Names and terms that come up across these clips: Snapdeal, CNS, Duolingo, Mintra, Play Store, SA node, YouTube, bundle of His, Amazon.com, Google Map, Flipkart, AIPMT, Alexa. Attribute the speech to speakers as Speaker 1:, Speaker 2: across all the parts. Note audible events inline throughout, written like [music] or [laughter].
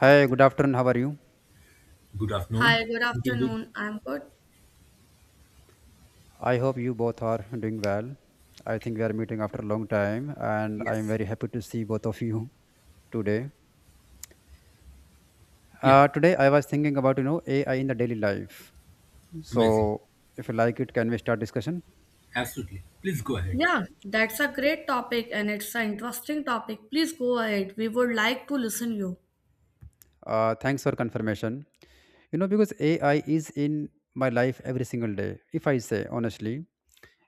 Speaker 1: Hi, good afternoon. How are you?
Speaker 2: Good afternoon.
Speaker 3: Hi, good
Speaker 2: Doing good.
Speaker 3: afternoon. I'm good.
Speaker 1: I hope you both are doing well. I think we are meeting after a long time, and I am
Speaker 2: Yes.
Speaker 1: very happy to see both of you today.
Speaker 2: Yeah,
Speaker 1: Today, I was thinking about AI in the daily life.
Speaker 2: amazing.
Speaker 1: So, if you like it, can we start discussion?
Speaker 2: Absolutely. Please go ahead.
Speaker 3: Yeah, that's a great topic and it's an interesting topic. Please go ahead. We would like to listen you.
Speaker 1: Thanks for confirmation. You know, because AI is in my life every single day. If I say honestly,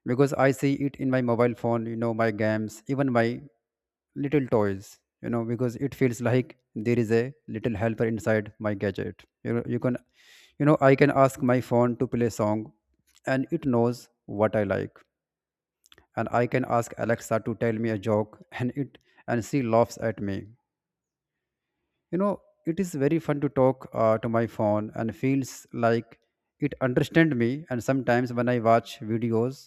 Speaker 1: because I see it in my mobile phone, you know, my games, even my little toys, because it feels like there is a little helper inside my gadget. You know, I can ask my phone to play song, and it knows what I like. And I can ask Alexa to tell me a joke [laughs] and she laughs at me, you know. It is very fun to talk to my phone, and feels like it understand me. And sometimes when I watch videos,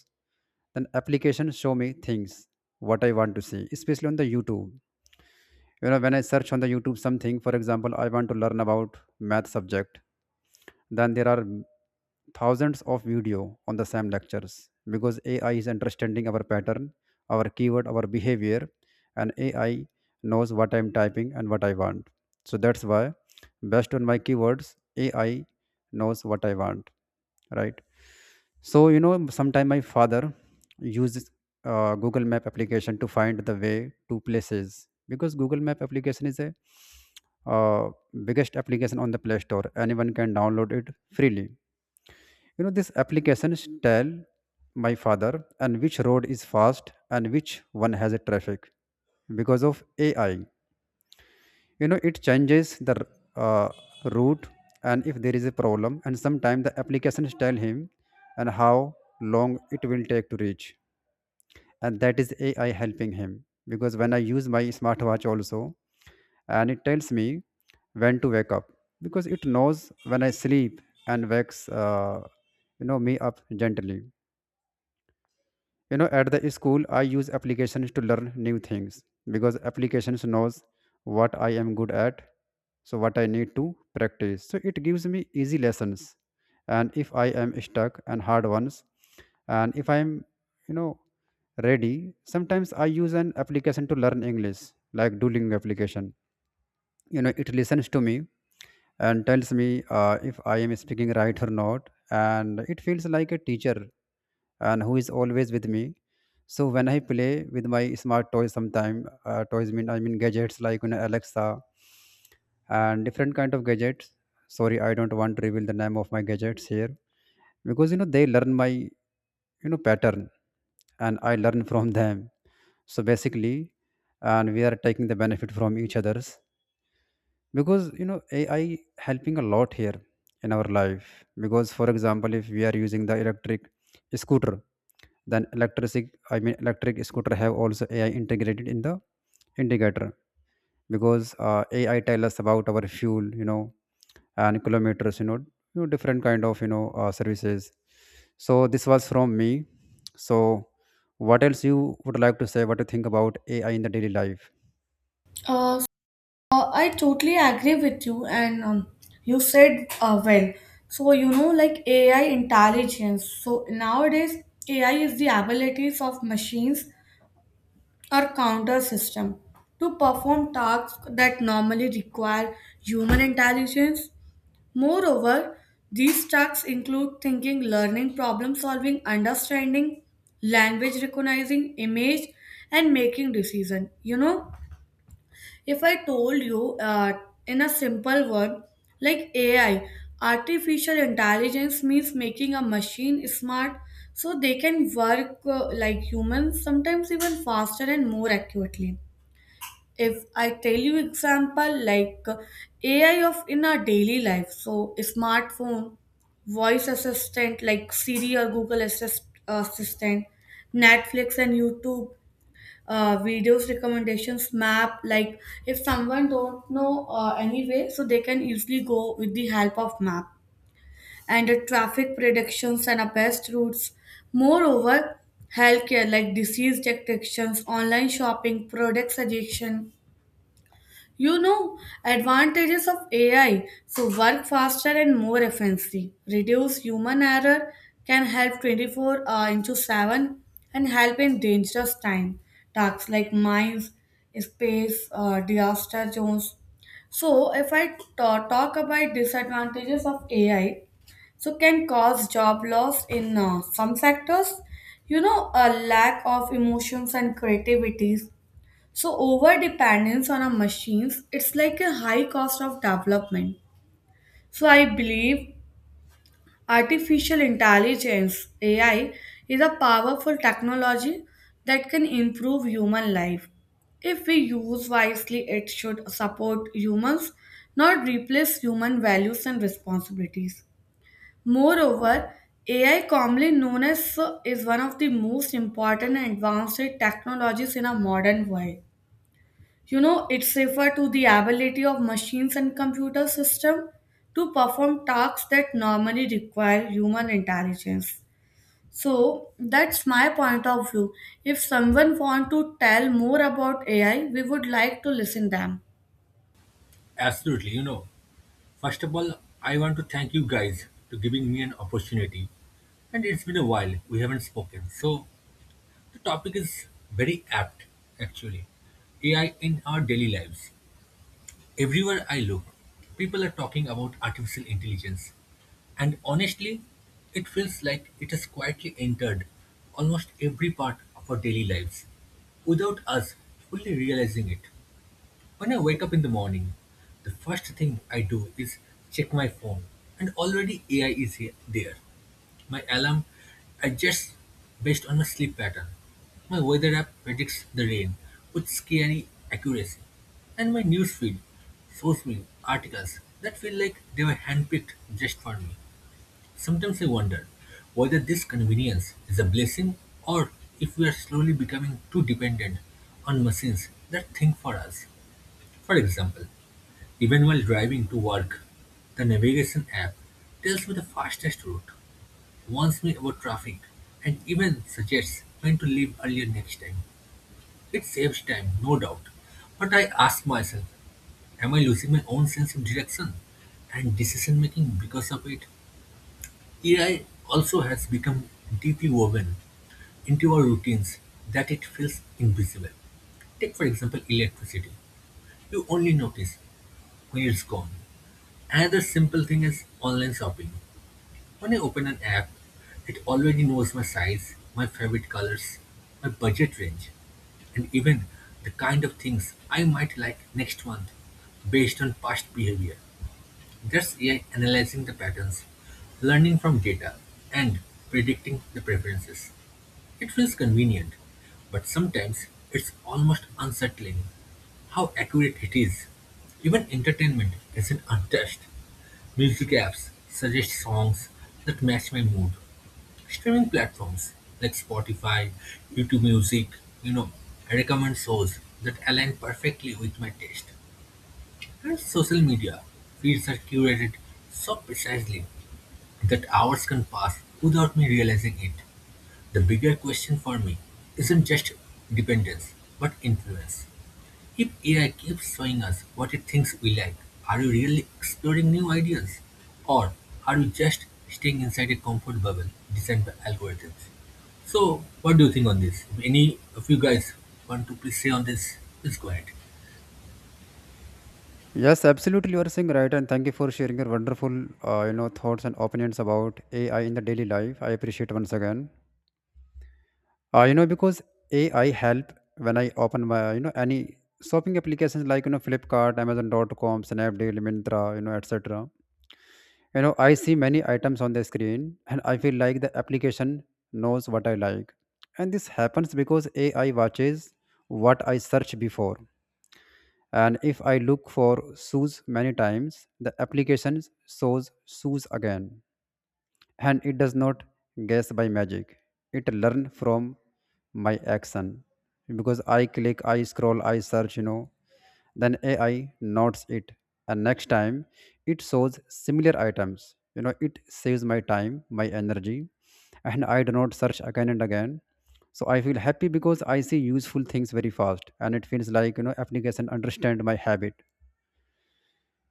Speaker 1: then applications show me things what I want to see, especially on the YouTube. You know, when I search on the YouTube something, for example, I want to learn about math subject, then there are thousands of video on the same lectures, because AI is understanding our pattern, our keyword, our behavior. And AI knows what I'm typing and what I want. So that's why, based on my keywords, AI knows what I want, right? So you know, sometime my father uses Google Map application to find the way to places, because Google Map application is a uh, biggest application on the Play Store. Anyone can download it freely. You know, this applications tell my father and which road is fast and which one has a traffic. Because of AI, you know, it changes the uh, route. And if there is a problem, and sometimes the applications tell him and how long it will take to reach, and that is AI helping him. Because when I use my smartwatch also, and it tells me when to wake up, because it knows when I sleep, and wakes me up gently. You know, at the school I use applications to learn new things, because applications knows what I am good at, so what I need to practice. So it gives me easy lessons, and if I am stuck and hard ones. And if I am, you know ready, sometimes I use an application to learn English, like Duolingo application. You know, it listens to me and tells me if I am speaking right or not, and it feels like a teacher and who is always with me. So when I play with my smart toys, sometime toys mean I mean gadgets like, you know, Alexa and different kind of gadgets. Sorry, I don't want to reveal the name of my gadgets here, because they learn my pattern, and I learn from them. So basically, and we are taking the benefit from each others, because you know AI helping a lot here in our life. Because for example, if we are using the electric scooter, then electric I mean electric scooter have also AI integrated in the indicator, because AI tell us about our fuel, you know, and kilometers, you know, different kind of, services. So this was from me. So what else you would like to say, what you think about AI in the daily life?
Speaker 3: Uh, so I totally agree with you, and you said well. So you know, like AI intelligence. So nowadays AI is the abilities of machines or counter system to perform tasks that normally require human intelligence. Moreover, these tasks include thinking, learning, problem solving, understanding, language recognizing, image, and making decision. You know, if I told you in a simple word like AI, artificial intelligence means making a machine smart so they can work like humans, sometimes even faster and more accurately. If I tell you example, like AI of in our daily life, so smartphone, voice assistant like Siri or Google assistant, Netflix and YouTube, videos recommendations, map, like if someone don't know anyway, so they can easily go with the help of map and the traffic predictions and the best routes. Moreover, healthcare like disease detections, online shopping product suggestion, you know, advantages of AI: so work faster and more efficiently, reduce human error, can help 24 into 7, and help in dangerous time tasks like mines, space, disaster zones. So, if I talk about disadvantages of AI, so can cause job loss in some sectors. You know, a lack of emotions and creativity, so over dependence on our machines, it's like a high cost of development. So I believe artificial intelligence, AI, is a powerful technology that can improve human life. If we use wisely, it should support humans, not replace human values and responsibilities. Moreover, AI, commonly known as, is one of the most important and advanced technologies in our modern world. You know, it's referred to the ability of machines and computer system to perform tasks that normally require human intelligence. So that's my point of view. If someone want to tell more about AI, we would like to listen them.
Speaker 2: Absolutely. You know, first of all, I want to thank you guys for giving me an opportunity. And it's been a while. We haven't spoken. So the topic is very apt, actually. AI in our daily lives. Everywhere I look, people are talking about artificial intelligence, and honestly, it feels like it has quietly entered almost every part of our daily lives without us fully realizing it. When I wake up in the morning, the first thing I do is check my phone, and already AI is here, there. My alarm adjusts based on my sleep pattern. My weather app predicts the rain with scary accuracy. And my newsfeed shows me articles that feel like they were handpicked just for me. Sometimes I wonder whether this convenience is a blessing or if we are slowly becoming too dependent on machines that think for us. For example, even while driving to work, the navigation app tells me the fastest route, warns me about traffic, and even suggests when to leave earlier next time. It saves time, no doubt. But I ask myself, am I losing my own sense of direction and decision making because of it? AI also has become deeply woven into our routines that it feels invisible. Take, for example, electricity. You only notice when it's gone. Another simple thing is online shopping. When I open an app, it already knows my size, my favorite colors, my budget range, and even the kind of things I might like next month based on past behavior. That's AI analyzing the patterns, learning from data, and predicting the preferences. It feels convenient, but sometimes it's almost unsettling how accurate it is. Even entertainment isn't untouched. Music apps suggest songs that match my mood. Streaming platforms like Spotify, YouTube Music, you know, recommend shows that align perfectly with my taste. And social media feeds are curated so precisely that hours can pass without me realizing it. The bigger question for me isn't just dependence, but influence. If AI keeps showing us what it thinks we like, are we really exploring new ideas? Or are we just staying inside a comfort bubble designed by algorithms? So, what do you think on this? If any of you guys want to please say on this, please go ahead.
Speaker 1: Yes, absolutely. You are saying right, and thank you for sharing your wonderful, thoughts and opinions about AI in the daily life. I appreciate once again. You know, because AI help when I open my, you know, any shopping applications like you know Flipkart, Amazon.com, Snapdeal, Mintra, you know, etc. You know, I see many items on the screen, and I feel like the application knows what I like, and this happens because AI watches what I search before. And if I look for shoes many times, the application shows shoes again, and it does not guess by magic. It learn from my action, because I click, I scroll, I search, you know, then AI notes it. And next time it shows similar items. You know, it saves my time, my energy, and I do not search again and again. So I feel happy because I see useful things very fast, and it feels like, you know, application understand my habit,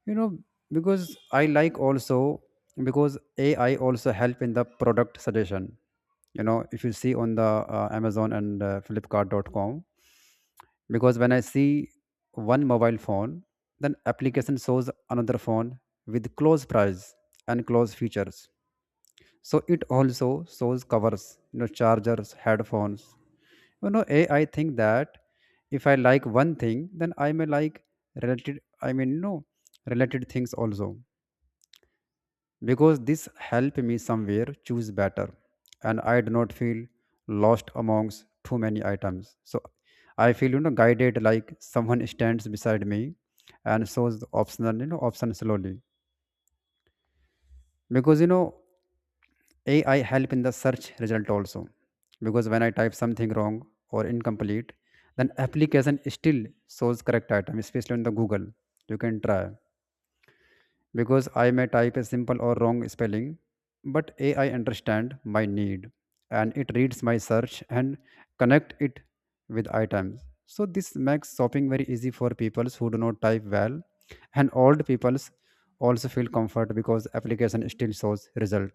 Speaker 1: you know. Because I like also, because AI also help in the product suggestion. You know, if you see on the amazon and flipkart.com, because when I see one mobile phone, then application shows another phone with close price and close features. So it also shows covers, you know, chargers, headphones. You know, a, I think that if I like one thing, then I may like related I mean no related things also. Because this help me somewhere choose better, and I do not feel lost amongst too many items. So I feel, you know, guided, like someone stands beside me and shows the optional, option slowly. Because you know AI help in the search result also, because when I type something wrong or incomplete, then application still shows correct item, especially on the Google. You can try, because I may type a simple or wrong spelling, but AI understand my need, and it reads my search and connect it with items. So this makes shopping very easy for people who do not type well, and old people also feel comfort because application still shows result.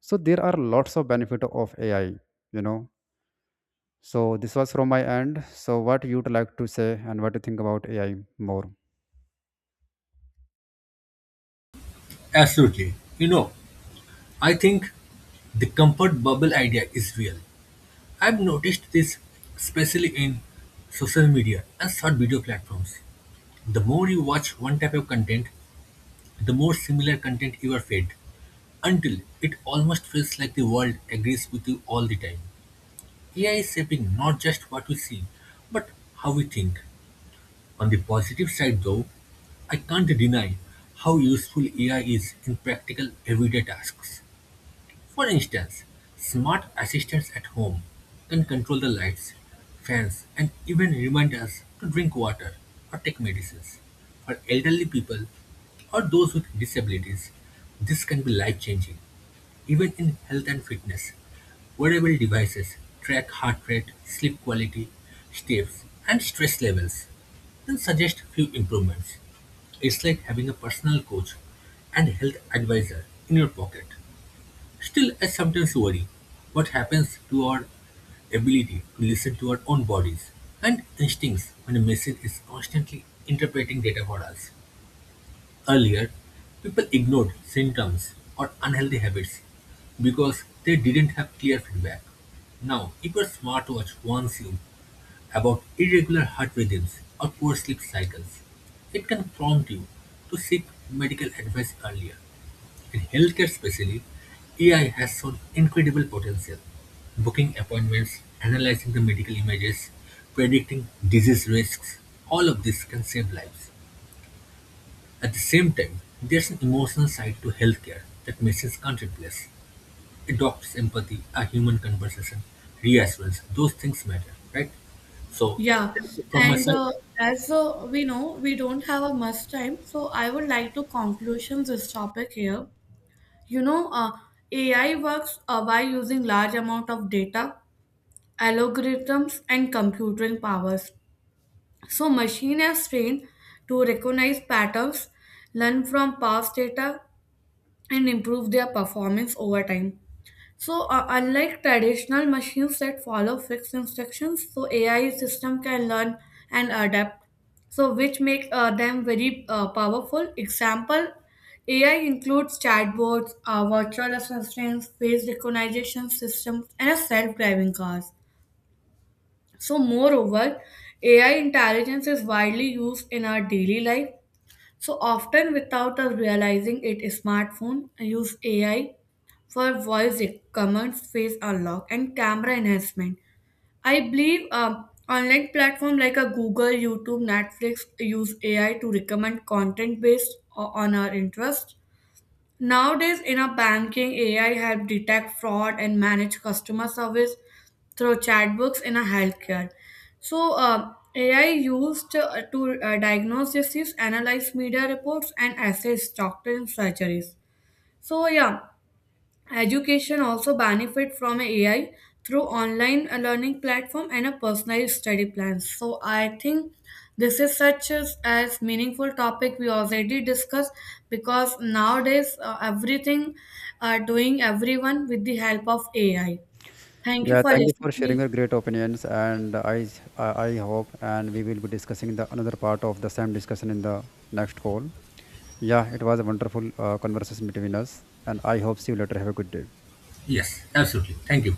Speaker 1: So there are lots of benefit of AI, you know. So this was from my end. So what you'd like to say and what you think about AI more?
Speaker 2: Absolutely. You know, I think the comfort bubble idea is real. I've noticed this especially in social media and short video platforms. The more you watch one type of content, the more similar content you are fed, until it almost feels like the world agrees with you all the time. AI is shaping not just what we see, but how we think. On the positive side, though, I can't deny how useful AI is in practical everyday tasks. For instance, smart assistants at home can control the lights, fans, and even remind us to drink water or take medicines. For elderly people or those with disabilities, this can be life changing. Even in health and fitness, wearable devices track heart rate, sleep quality, steps, and stress levels, and suggest few improvements. It's like having a personal coach and health advisor in your pocket. Still, I sometimes worry what happens to our ability to listen to our own bodies and instincts when a machine is constantly interpreting data for us. Earlier, people ignored symptoms or unhealthy habits because they didn't have clear feedback. Now, if your smartwatch warns you about irregular heart rhythms or poor sleep cycles, it can prompt you to seek medical advice earlier. In healthcare especially, AI has shown incredible potential. Booking appointments, analyzing the medical images, predicting disease risks, all of this can save lives. At the same time, there's an emotional side to healthcare that machines can't replace. A doctor's empathy, a human conversation, reassurance, those things matter, right? So,
Speaker 3: Yeah,
Speaker 2: from my
Speaker 3: and
Speaker 2: side,
Speaker 3: as we know, we don't have a much time, so I would like to conclusion this topic here. You know, AI works by using large amount of data, algorithms, and computing powers. So machine is trained to recognize patterns, learn from past data, and improve their performance over time. So unlike traditional machines that follow fixed instructions, so AI system can learn and adapt. So which make them very powerful. Example, AI includes chatbots, virtual assistants, face recognition systems, and a self-driving cars. So, moreover, AI intelligence is widely used in our daily life. So, often without us realizing it, smartphone use AI for voice commands, face unlock, and camera enhancement. I believe online platform like a Google, YouTube, Netflix use AI to recommend content based on our interest. Nowadays, in our banking, AI help detect fraud and manage customer service through chatbots in a healthcare. So, AI used to diagnose disease, analyze media reports, and assist doctor in surgeries. So, yeah, education also benefit from AI through online learning platform and a personalized study plan. So I think this is such as meaningful topic we already discussed, because nowadays everything are doing everyone with the help of AI. Thank you
Speaker 1: Yeah,
Speaker 3: for
Speaker 1: thank you
Speaker 3: listening.
Speaker 1: for sharing
Speaker 3: Me.
Speaker 1: your great opinions. And I hope and we will be discussing the another part of the same discussion in the next call. Yeah, it was a wonderful conversation between us, and I hope see you later. Have a good day.
Speaker 2: yes, absolutely. Thank you.